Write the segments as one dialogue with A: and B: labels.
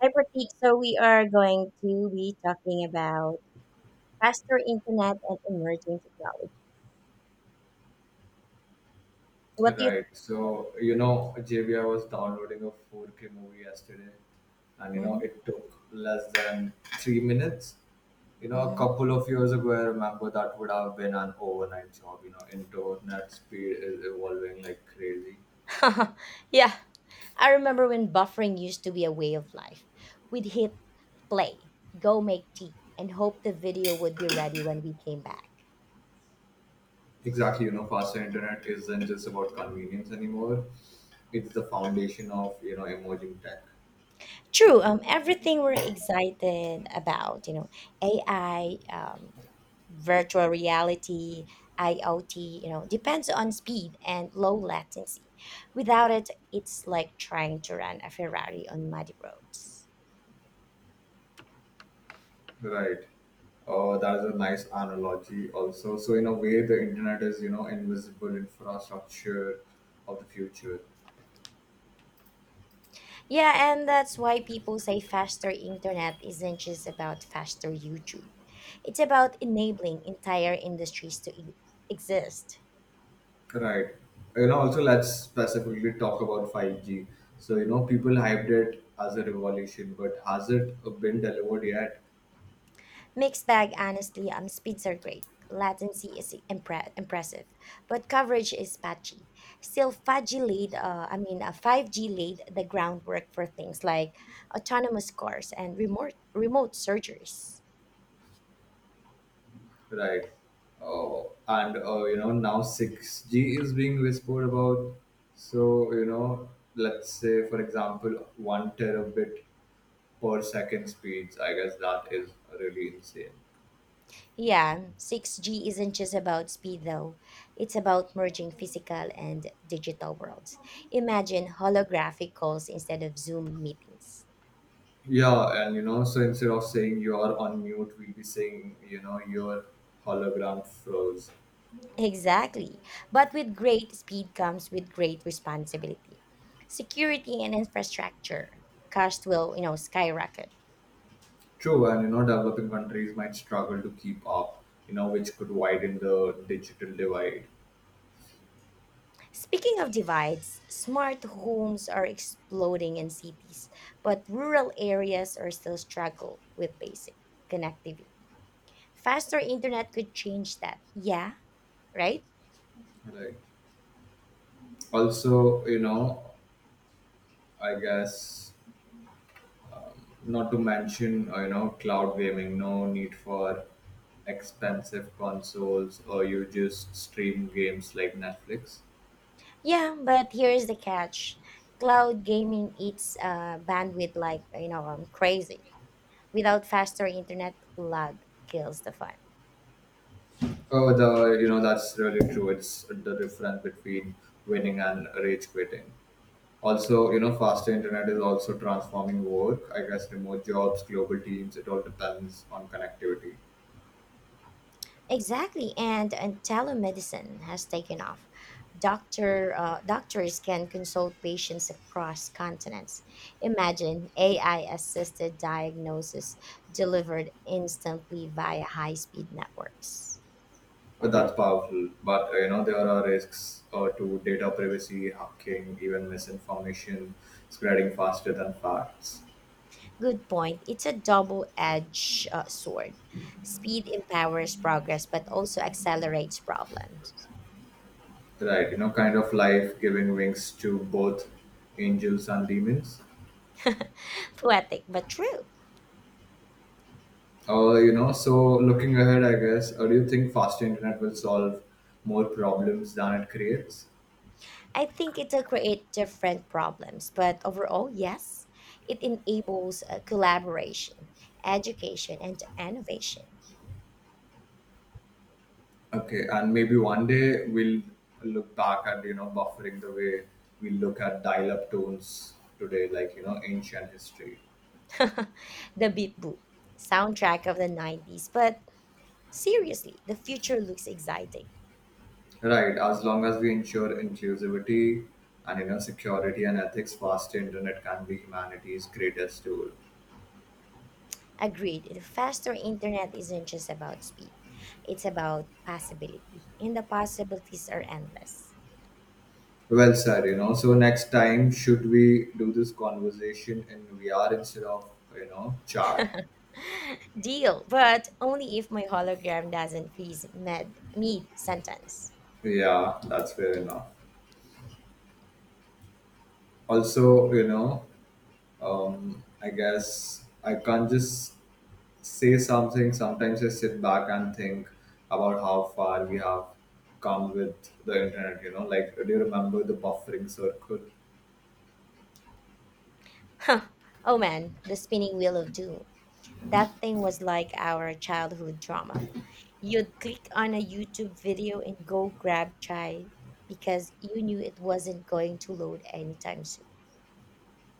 A: Hi, Pratik. So we are going to be talking about faster internet and emerging technology. So what do you?
B: Right. So, JB I was downloading a 4K movie yesterday, and
A: Mhm,
B: it took less than 3 minutes. A
A: mhm.
B: couple of years ago, I remember that would have been an overnight job. Internet speed is evolving like crazy.
A: Yeah, I remember when buffering used to be a way of life. We'd hit play, go make tea, and hope the video would be ready when we came back.
B: Exactly. Faster internet isn't just about convenience anymore, it's the foundation of emerging tech.
A: True. Everything we're excited about, AI, virtual reality, IoT, depends on speed and low latency. Without it, it's like trying to run a Ferrari on muddy roads.
B: Right. Oh, that is a nice analogy also. So in a way the internet is invisible infrastructure of the future.
A: Yeah, and that's why people say faster internet isn't just about faster YouTube. It's about enabling entire industries to exist.
B: Right. Also, let's specifically talk about 5G. So, people hyped it as a revolution, but has it been delivered yet?
A: Mixed bag, honestly, speeds are great. Latency is impressive, but coverage is patchy. Still, 5G laid the groundwork for things like autonomous cars and remote surgeries.
B: Right. Oh, and now 6G is being whispered about. So, let's say for example, 1 terabit per second speeds. I guess that is really insane.
A: Yeah, 6G isn't just about speed though. It's about merging physical and digital worlds. Imagine holographic calls instead of Zoom meetings.
B: Yeah, and so instead of saying you're on mute, we'll be saying, your hologram froze.
A: Exactly. But with great speed comes with great responsibility. Security and infrastructure cost will, skyrocket.
B: True, and developing countries might struggle to keep up, which could widen the digital divide.
A: Speaking of divides, smart homes are exploding in cities, but rural areas are still struggle with basic connectivity. Faster internet could change that. Yeah, right?
B: Right. Also, I guess not to mention, cloud gaming, no need for expensive consoles, or you just stream games like Netflix.
A: Yeah, but here is the catch. Cloud gaming eats bandwidth like, crazy. Without faster internet, lag kills the fun.
B: Oh, the you know that's really true. It's the difference between winning and rage quitting. Also, faster internet is also transforming work. I guess remote jobs, global teams, it all depends on connectivity.
A: Exactly, and telemedicine has taken off. Doctors can consult patients across continents. Imagine AI-assisted diagnosis delivered instantly via high-speed networks.
B: But that's powerful. But there are risks to data privacy, hacking, even misinformation spreading faster than facts.
A: Good point. It's a double-edged sword. Speed empowers progress, but also accelerates problems.
B: Right. Kind of life giving wings to both angels and demons.
A: Poetic, but true.
B: So looking ahead, I guess, do you think faster internet will solve more problems than it creates?
A: I think it'll create different problems, but overall, yes, it enables collaboration, education, and innovation.
B: Okay, and maybe one day we'll look back at buffering the way we look at dial-up tones today, like ancient history.
A: The Beat Boop, soundtrack of the 90s, but seriously, the future looks exciting.
B: Right, as long as we ensure inclusivity and security and ethics, faster internet can be humanity's greatest tool.
A: Agreed, the faster internet isn't just about speed, it's about possibility, and the possibilities are endless.
B: Well said. So next time, should we do this conversation in VR instead of chat?
A: Deal, but only if my hologram doesn't freeze mid sentence.
B: Yeah, that's fair enough. Also, I guess I can't just say something. Sometimes I sit back and think about how far we have come with the internet, like do you remember the buffering circle?
A: Huh. Oh man, the spinning wheel of doom. That thing was like our childhood drama. You'd click on a YouTube video and go grab chai because you knew it wasn't going to load anytime soon.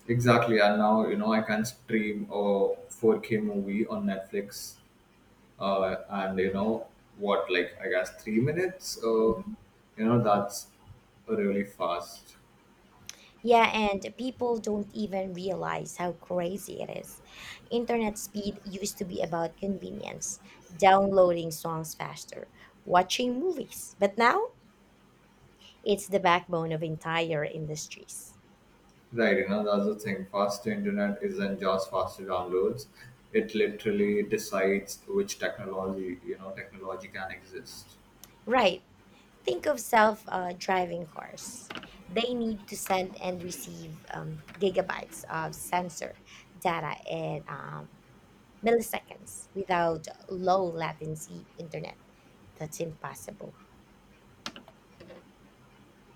B: Exactly, and now, I can stream a 4K movie on Netflix, and what, like, I guess 3 minutes? Uh,
A: Mhm.
B: you know, that's really fast.
A: Yeah, and people don't even realize how crazy it is. Internet speed used to be about convenience, downloading songs faster, watching movies, but now it's the backbone of entire industries.
B: Right, that's the thing. Faster internet isn't just faster downloads. It literally decides which technology can exist.
A: Right. Think of self driving cars. They need to send and receive gigabytes of sensor data in milliseconds without low latency internet. That's impossible.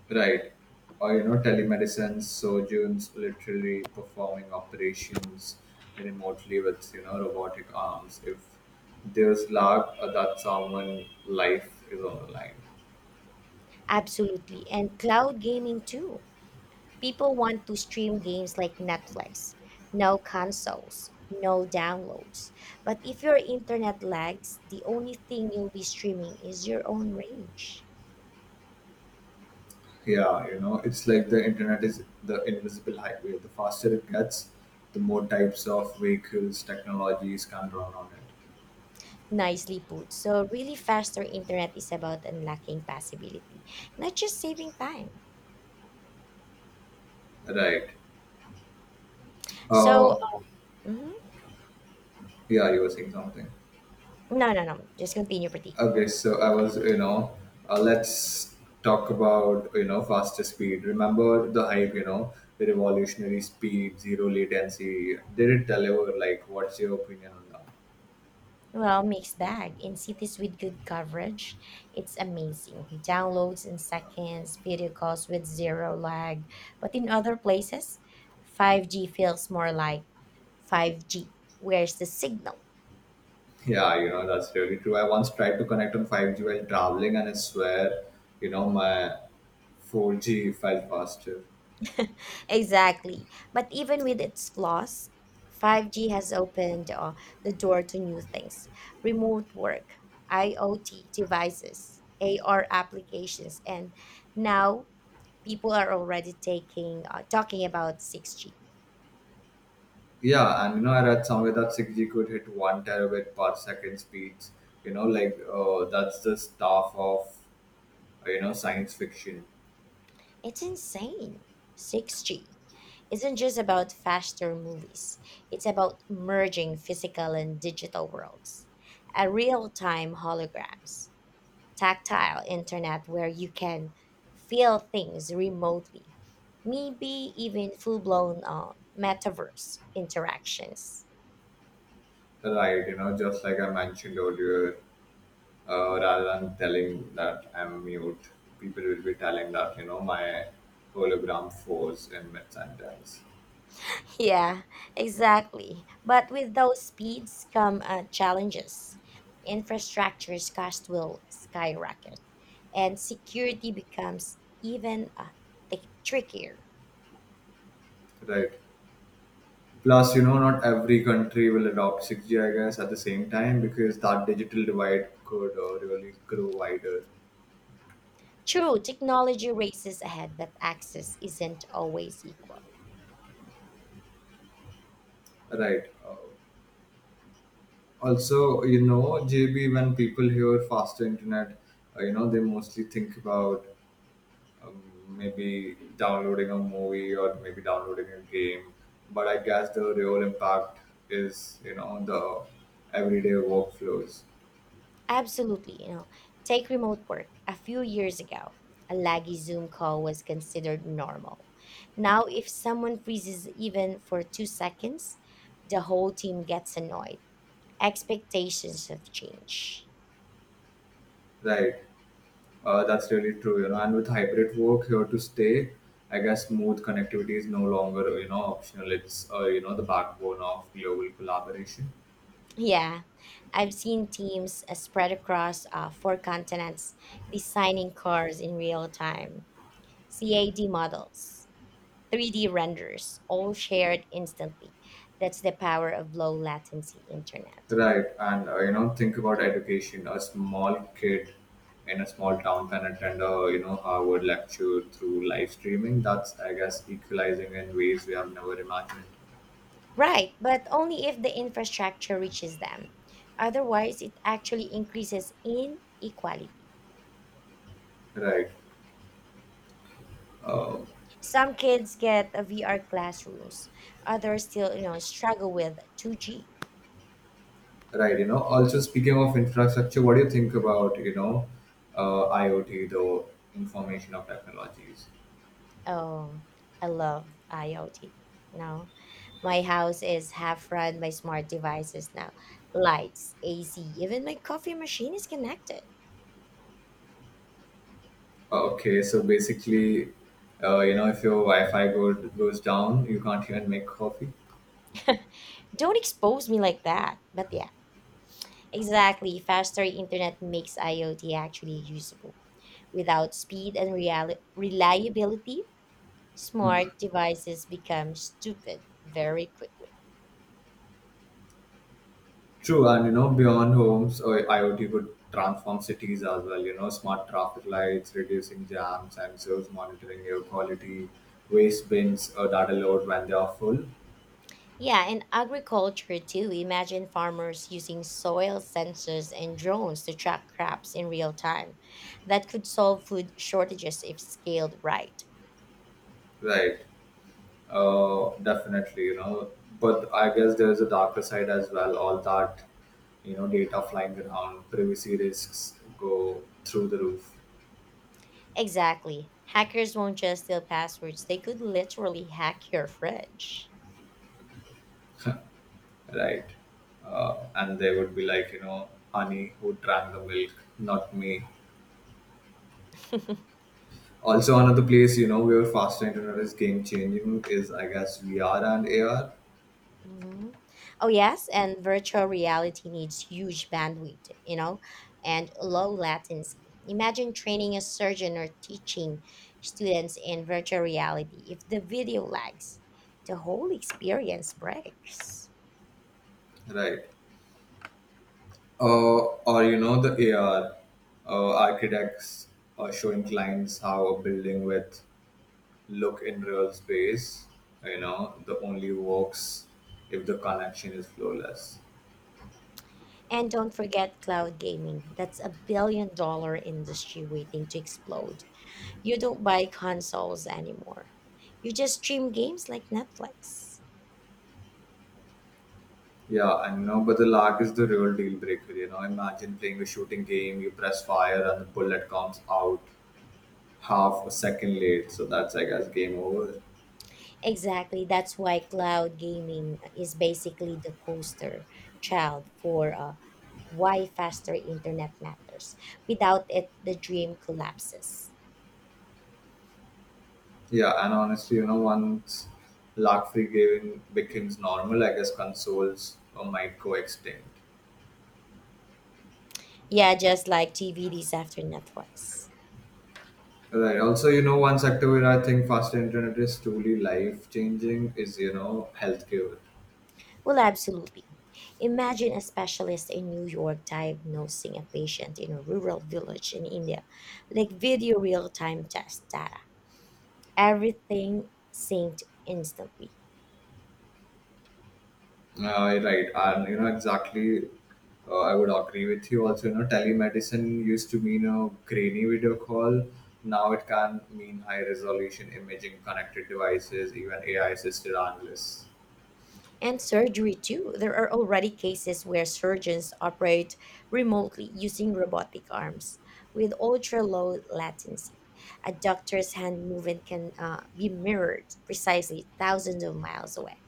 B: Right. Or, telemedicine surgeons literally performing operations remotely with robotic arms. If there's lag, that someone life is on the line.
A: Absolutely. And cloud gaming too. People want to stream games like Netflix. No consoles, no downloads. But if your internet lags, the only thing you'll be streaming is your own range.
B: Yeah, it's like the internet is the invisible highway. The faster it gets, the more types of vehicles, technologies can run on it.
A: Nicely put. So, really, faster internet is about unlocking possibility, not just saving time.
B: Right.
A: So,
B: Uh,
A: mhm.
B: yeah, you were saying something.
A: No, no, no. Just continue, pretty.
B: Okay, so I was, you know, let's talk about, faster speed. Remember the hype, the revolutionary speed, zero latency. Did it deliver? Like, what's your opinion on that?
A: Well, mixed bag. In cities with good coverage, it's amazing. Downloads in seconds, video calls with zero lag. But in other places, 5G feels more like 5G. Where's the signal?
B: Yeah, that's really true. I once tried to connect on 5G while traveling, and I swear, my 4G felt faster.
A: Exactly. But even with its flaws, 5G has opened the door to new things remote work, IoT devices, AR applications, and now people are already taking talking about 6G.
B: Yeah, and I read somewhere that 6G could hit 1 terabit per second speeds. Like, that's the stuff of science fiction.
A: It's insane. 6G isn't just about faster movies, it's about merging physical and digital worlds, a real time holograms. Tactile internet where you can feel things remotely, maybe even full blown metaverse interactions.
B: Right, just like I mentioned earlier, rather than telling that I'm mute, people will be telling that, my hologram force in mid sentence.
A: Yeah, exactly. But with those speeds come challenges. Infrastructure's cost will skyrocket, and security becomes even trickier.
B: Right. Plus, not every country will adopt 6G, I guess, at the same time because that digital divide could really grow wider,
A: True, technology races ahead, but access isn't always equal.
B: right? Also, JB, when people hear faster internet, they mostly think about um, maybe downloading a movie or maybe downloading a game. But I guess the real impact is the everyday workflows,
A: Absolutely, take remote work. A few years ago, a laggy Zoom call was considered normal. Now, if someone freezes even for 2 seconds, the whole team gets annoyed. Expectations have changed.
B: right? That's really true. And with hybrid work here to stay, I guess smooth connectivity is no longer, optional. It's the backbone of global collaboration.
A: Yeah, I've seen teams spread across four continents designing cars in real time, CAD models, 3D renders, all shared instantly. That's the power of low latency internet.
B: Right. And think about education. A small kid in a small town can attend a Harvard lecture through live streaming. That's, I guess, equalizing in ways we have never imagined.
A: Right, but only if the infrastructure reaches them. Otherwise, it actually increases inequality.
B: Right. Uh,
A: Some kids get a VR classrooms, others still, struggle with 2G.
B: Right. Also, speaking of infrastructure, what do you think about IoT, the information of technologies?
A: Oh, I love IoT. You know, my house is half run by smart devices now. Lights, AC, even my coffee machine is connected.
B: Okay, so basically, if your Wi-Fi goes down, you can't even make coffee.
A: Don't expose me like that. But yeah, exactly. Faster internet makes IoT actually usable. Without speed and reliability, smart devices become stupid very quickly.
B: True, and beyond homes, IoT could transform cities as well. Smart traffic lights, reducing jams, sensors monitoring air quality, waste bins, that are load when they are full.
A: Yeah, and agriculture too. Imagine farmers using soil sensors and drones to track crops in real time. That could solve food shortages if scaled right.
B: Right. Definitely, but I guess there's a darker side as well. All that data flying around, privacy risks go through the roof,
A: Exactly. Hackers won't just steal passwords, they could literally hack your fridge.
B: right? And they would be like, honey who drank the milk, not me. Also, another place, where faster internet is game changing is, I guess, VR and AR,
A: Mhm. Oh, yes, and virtual reality needs huge bandwidth, and low latency. Imagine training a surgeon or teaching students in virtual reality. If the video lags, the whole experience breaks.
B: right? Or, the AR, architects are showing clients how a building with look in real space, the only works if the connection is flawless.
A: And don't forget cloud gaming. That's a billion dollar industry waiting to explode. You don't buy consoles anymore. You just stream games like Netflix.
B: Yeah, I know, but the lag is the real deal breaker. Imagine playing a shooting game, you press fire and the bullet comes out half a second late, so that's I guess game over.
A: Exactly. That's why cloud gaming is basically the poster child for why faster internet matters. Without it, the dream collapses.
B: Yeah, and honestly, once lag free gaming becomes normal, I guess consoles might go extinct.
A: Yeah, just like TVDs after Netflix.
B: Right. Also, one sector where I think faster internet is truly life changing is healthcare.
A: Well, absolutely. Imagine a specialist in New York diagnosing a patient in a rural village in India, like video real time test data. Everything synced instantly.
B: Right, and exactly. I would agree with you. Also, telemedicine used to mean a grainy video call. Now it can mean high-resolution imaging, connected devices, even AI-assisted analysts.
A: And surgery, too. There are already cases where surgeons operate remotely using robotic arms with ultra low latency. A doctor's hand movement can be mirrored precisely thousands of miles away.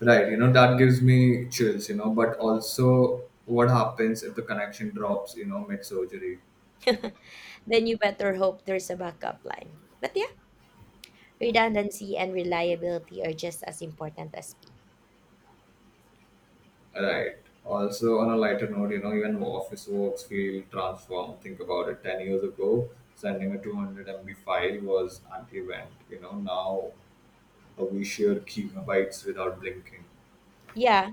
B: Right, that gives me chills. But also, what happens if the connection drops? Mid-surgery.
A: Then you better hope there's a backup line. But yeah, redundancy and reliability are just as important as speed.
B: Right. Also, on a lighter note, even office works feel transformed. Think about it. 10 years ago, sending a 200 MB file was an event. Now, we share gigabytes without blinking.
A: Yeah,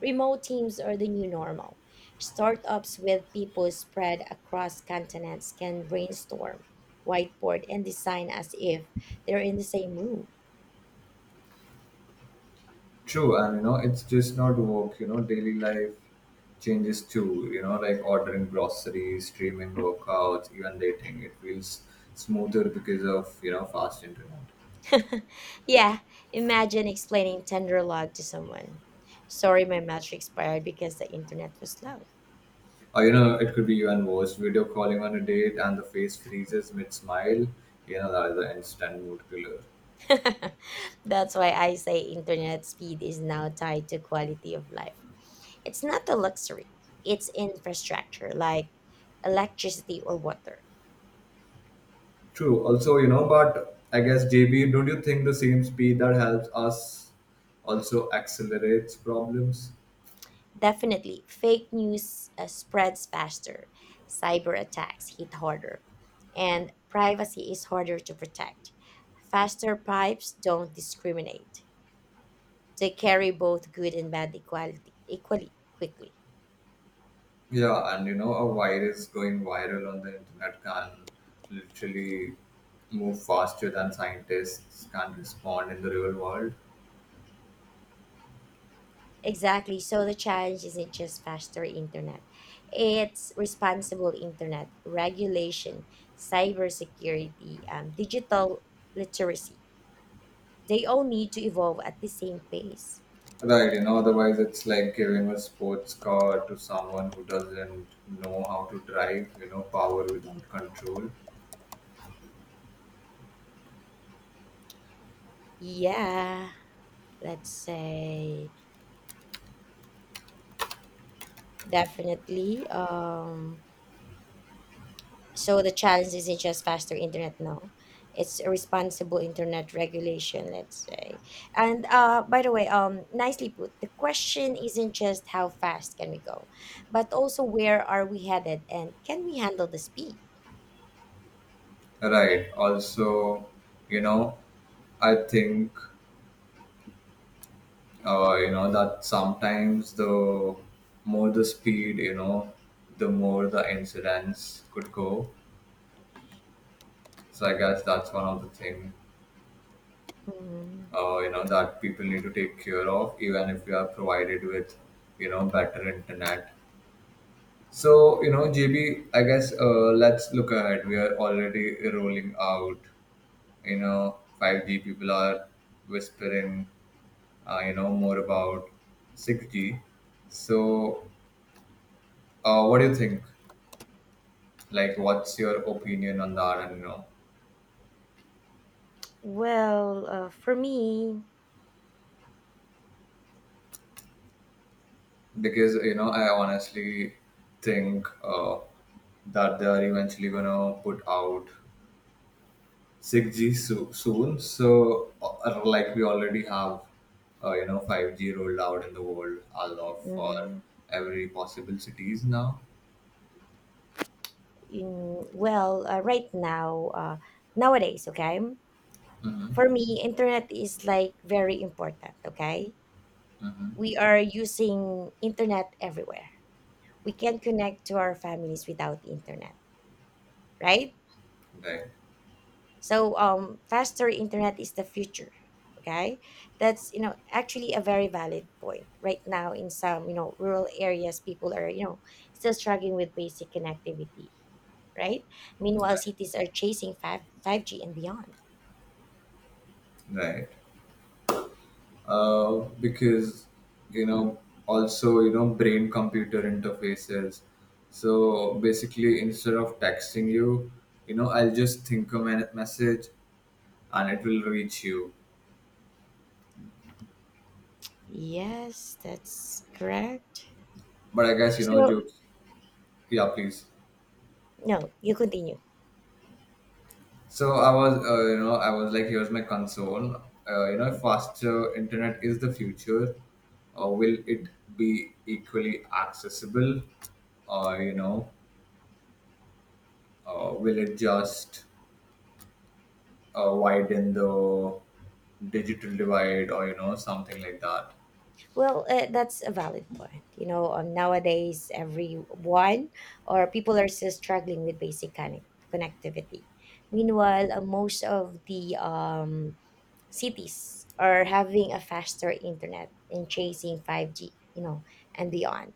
A: remote teams are the new normal. Startups with people spread across continents can brainstorm, whiteboard, and design as if they're in the same room.
B: True, and it's just not work. Daily life changes too. Like ordering groceries, streaming workouts, even dating. It feels smoother because of fast internet.
A: Yeah, imagine explaining Tenderlog to someone. Sorry, my match expired because the internet was slow.
B: Or, it could be even worse. Video calling on a date and the face freezes mid smile. That is an instant mood killer.
A: That's why I say internet speed is now tied to quality of life. It's not a luxury, it's infrastructure like electricity or water.
B: True. Also, but I guess, JB, don't you think the same speed that helps us also accelerates problems?
A: Definitely, fake news spreads faster, cyber attacks hit harder, and privacy is harder to protect. Faster pipes don't discriminate, they carry both good and bad equality, equally quickly.
B: Yeah, and a virus going viral on the internet can literally move faster than scientists can respond in the real world.
A: Exactly, so the challenge isn't just faster internet, it's responsible internet, regulation, cybersecurity, digital literacy. They all need to evolve at the same pace.
B: Right, otherwise it's like giving a sports car to someone who doesn't know how to drive, power without control.
A: Yeah. Let's say definitely, so the challenge isn't just faster internet, no, it's a responsible internet regulation, let's say, and by the way, nicely put. The question isn't just how fast can we go, but also where are we headed, and can we handle the speed.
B: Right. Also, you know, I think that sometimes the more the speed, the more the incidents could go. So I guess that's one of the thing
A: Mhm.
B: uh, you know that people need to take care of, even if we are provided with better internet. So, JB, I guess, let's look ahead. We are already rolling out. 5G people are whispering, more about 6G. So, what do you think? Like, what's your opinion on that? And, you know,
A: Well, for me,
B: because, you know, I honestly think that they are eventually going to put out 6G soon. So, like we already have, 5G rolled out in the world a lot for
A: mhm,
B: every possible cities now.
A: in, well, right now, nowadays, okay, for me, internet is like very important, okay? We are using internet everywhere. We can't connect to our families without the internet, right?
B: Right,
A: So faster internet is the future, okay? That's actually a very valid point. Right now in some, rural areas people are, still struggling with basic connectivity, right? Meanwhile,
B: right,
A: cities are chasing 5G and beyond.
B: right. Because you know, also brain computer interfaces. So basically, instead of texting you, I'll just think a minute message and it will reach you.
A: Yes, that's correct.
B: But I guess,
A: So,
B: jokes. Yeah, please.
A: no, you continue.
B: So I was like, here's my concern. Faster internet is the future. Will it be equally accessible? Or will it just widen the digital divide, or something like that?
A: Well, that's a valid point. Nowadays everyone or people are still struggling with basic connectivity. Meanwhile, most of the cities are having a faster internet and chasing 5G, and beyond.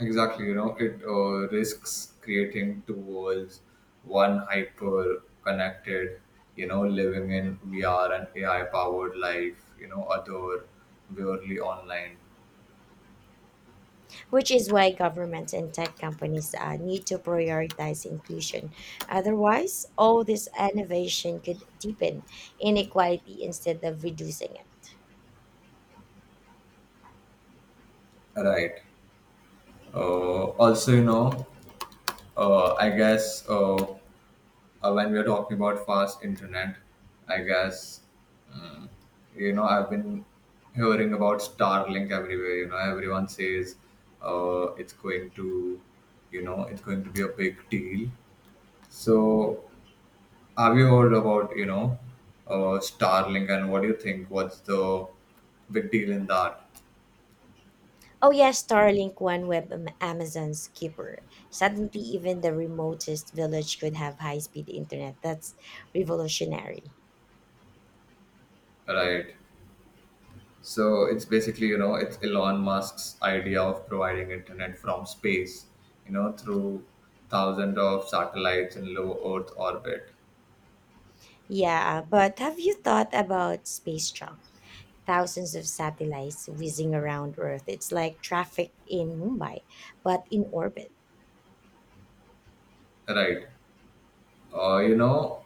B: Exactly, it risks creating two worlds, one hyper connected, living in VR and AI powered life, other purely online.
A: Which is why governments and tech companies need to prioritize inclusion. Otherwise, all this innovation could deepen inequality instead of reducing it.
B: Right. Uh, also, you know, I guess when we are talking about fast internet, I guess you know I've been hearing about Starlink everywhere. You know, everyone says it's going to, you know, it's going to be a big deal. So
A: Mhm.
B: have you heard about Starlink, and what do you think, what's the big deal in that?
A: Oh yes, Starlink OneWeb Amazon's keeper. Suddenly even the remotest village could have high-speed internet. That's revolutionary.
B: Right, so it's basically, you know, it's Elon Musk's idea of providing internet from space, you know, through thousands of satellites in low Earth orbit.
A: Yeah, but have you thought about space junk? Thousands of satellites whizzing around Earth. It's like traffic in Mumbai, but in orbit.
B: right uh, you know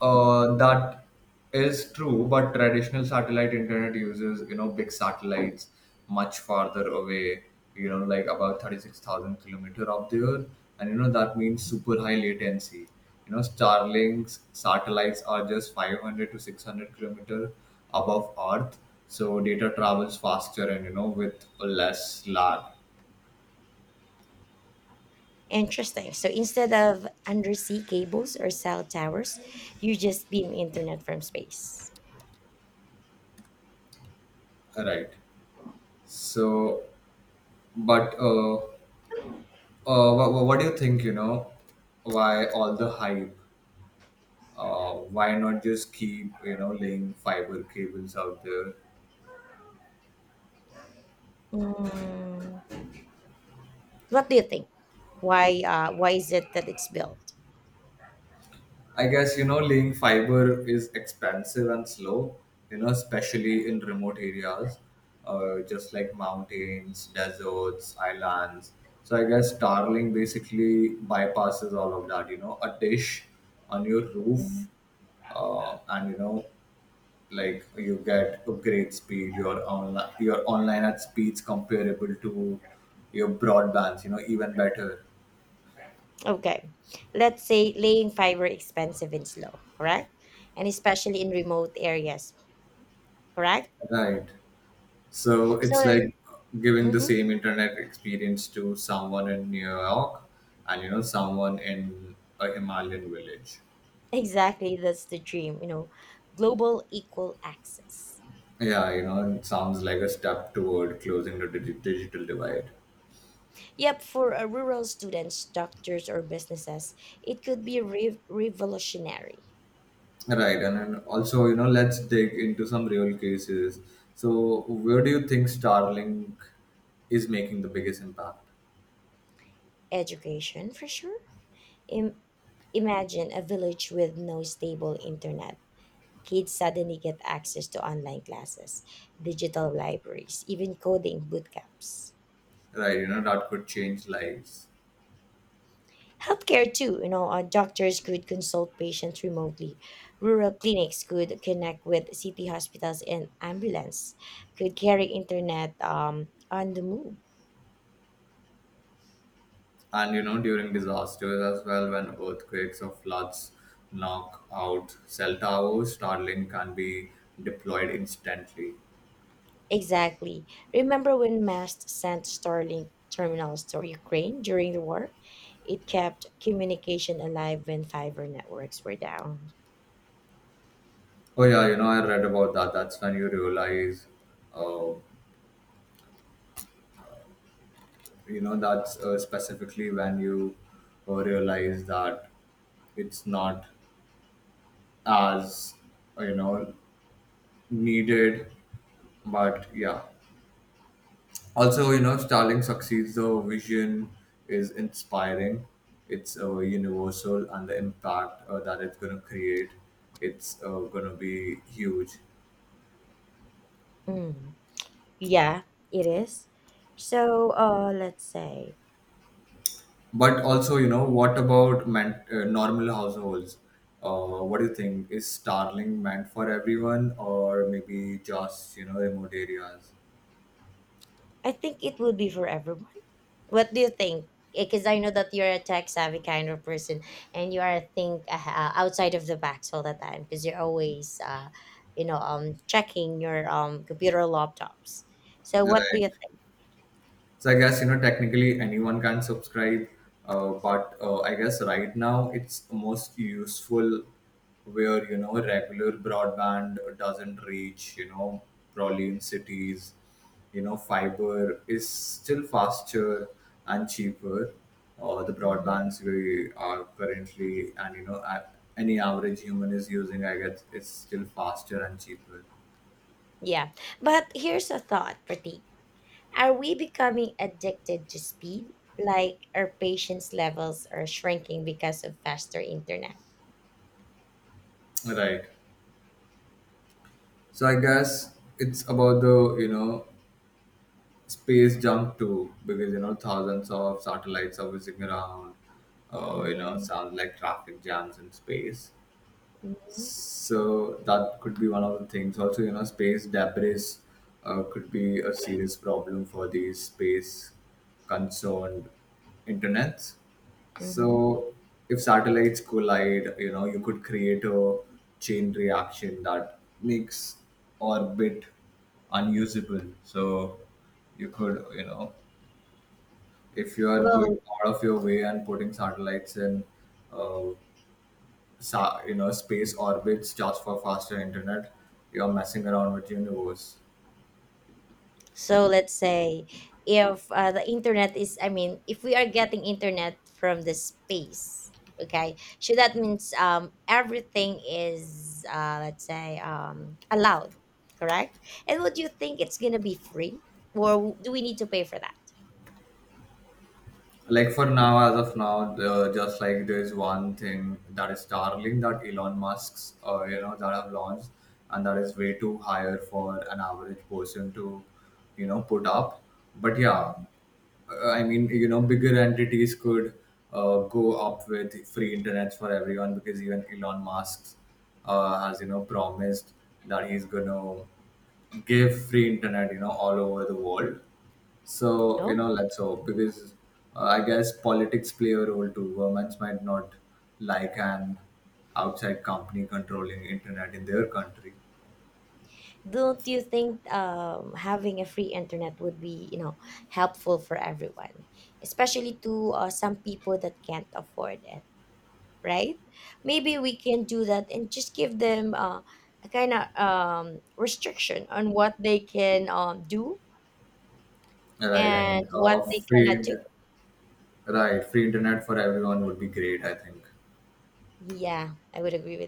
B: Uh, that is true, but traditional satellite internet uses, you know, big satellites much farther away, you know, like about 36,000 kilometer up there. And, you know, that means super high latency. You know, Starlink's satellites are just 500 to 600 kilometer above Earth. So data travels faster and, you know, with less lag.
A: Interesting. So instead of undersea cables or cell towers, you just beam internet from space.
B: Right. So, but what do you think, you know, why all the hype? Why not just keep, you know, laying fiber cables out there?
A: Mm. What do you think? Why? Why is it that it's built?
B: I guess, you know, laying fiber is expensive and slow, you know, especially in remote areas, just like mountains, deserts, islands. So I guess Starlink basically bypasses all of that. You know, a dish on your
A: Hmm.
B: roof, and you know, like you get upgrade speed, your online at speeds comparable to your broadbands, you know, even better.
A: Okay. Let's say laying fiber expensive and slow, correct? And especially in remote areas, correct?
B: Right, so
A: So,
B: it's like giving the
A: mhm,
B: same internet experience to someone in New York and, you know, someone in a Himalayan village.
A: exactly, that's the dream, global equal access.
B: Yeah, you know, it sounds like a step toward closing the digital divide.
A: Yep, for rural students, doctors, or businesses, it could be revolutionary.
B: Right, and also, you know, let's dig into some real cases. So, where do you think Starlink is making the biggest impact?
A: Education, for sure. Im- imagine a village with no stable internet, kids suddenly get access to online classes, digital libraries, even coding bootcamps.
B: Right, you know, that could change lives.
A: Healthcare too, doctors could consult patients remotely. Rural clinics could connect with city hospitals and ambulance could carry internet on the move.
B: And, you know, during disasters as well, when earthquakes or floods knock out cell towers, Starlink can be deployed instantly.
A: Exactly. Remember when MAST sent Starlink terminals to Ukraine during the war? It kept communication alive when fiber networks were down.
B: Oh, yeah, you know, I read about that. That's when you realize, uh, you know, that's specifically when you realize that it's not as, you know, needed. But yeah, also, you know, Starlink succeeds. The vision is inspiring. It's universal, and the impact that it's going to create, it's going to be huge.
A: Mm, yeah, it is. So, let's say,
B: But also, you know, what about meant normal households? What do you think, is Starlink meant for everyone or maybe just, you know, remote areas?
A: I think it would be for everyone. What do you think? Because I know that you're a tech savvy kind of person, and you are think outside of the box all the time because you're always, checking your computer laptops. So, what do you.
B: Right. So I guess, you know, technically anyone can subscribe, but I guess right now it's most useful where, you know, regular broadband doesn't reach. You know, probably in cities, you know, fiber is still faster and cheaper. The
A: Mhm.
B: broadbands we are currently, and you know, any average human is using, I guess, it's still faster and cheaper.
A: Yeah. But here's a thought, Pratik. Are we becoming addicted to speed? Like our patience levels are shrinking because of faster internet.
B: Right. So I guess it's about the, you know, space junk too, because you know thousands of satellites are whizzing around. You know,
A: Mm-hmm.
B: sounds like traffic jams in space.
A: Mm-hmm.
B: So that could be one of the things. Also, you know, space debris could be a serious problem for these space concerned internets.
A: Mm-hmm.
B: So if satellites collide, you know, you could create a chain reaction that makes orbit unusable. So you could, you know, if you are going
A: Well,
B: out of your way and putting satellites in uh, you know space orbits just for faster internet, you're messing around with universe.
A: so let's say if the internet is, I mean, if we are getting internet from the space, okay, so that means everything is, let's say, allowed, correct? And would you think it's gonna be free, or do we need to pay for that?
B: Like for now, as of now, the, just like there's one thing that is Starlink, that Elon Musk's you know, that have launched, and that is way too higher for an average person to, you know, put up. But yeah,
A: Mhm.
B: I mean, you know, bigger entities could go up with free internets for everyone, because even Elon Musk has, you know, promised that he's gonna give free internet, you know, all over the world. So, you
A: Oh.
B: know, like so, because I guess politics play a role too. Governments might not like an outside company controlling internet in their country.
A: Don't you think having a free internet would be, helpful for everyone, especially to some people that can't afford it, right? Maybe we can do that and just give them a kind of restriction on what they can do
B: Right. I
A: and
B: mean,
A: what they cannot do.
B: right. Free internet for everyone would be great, I think.
A: Yeah, I would agree with.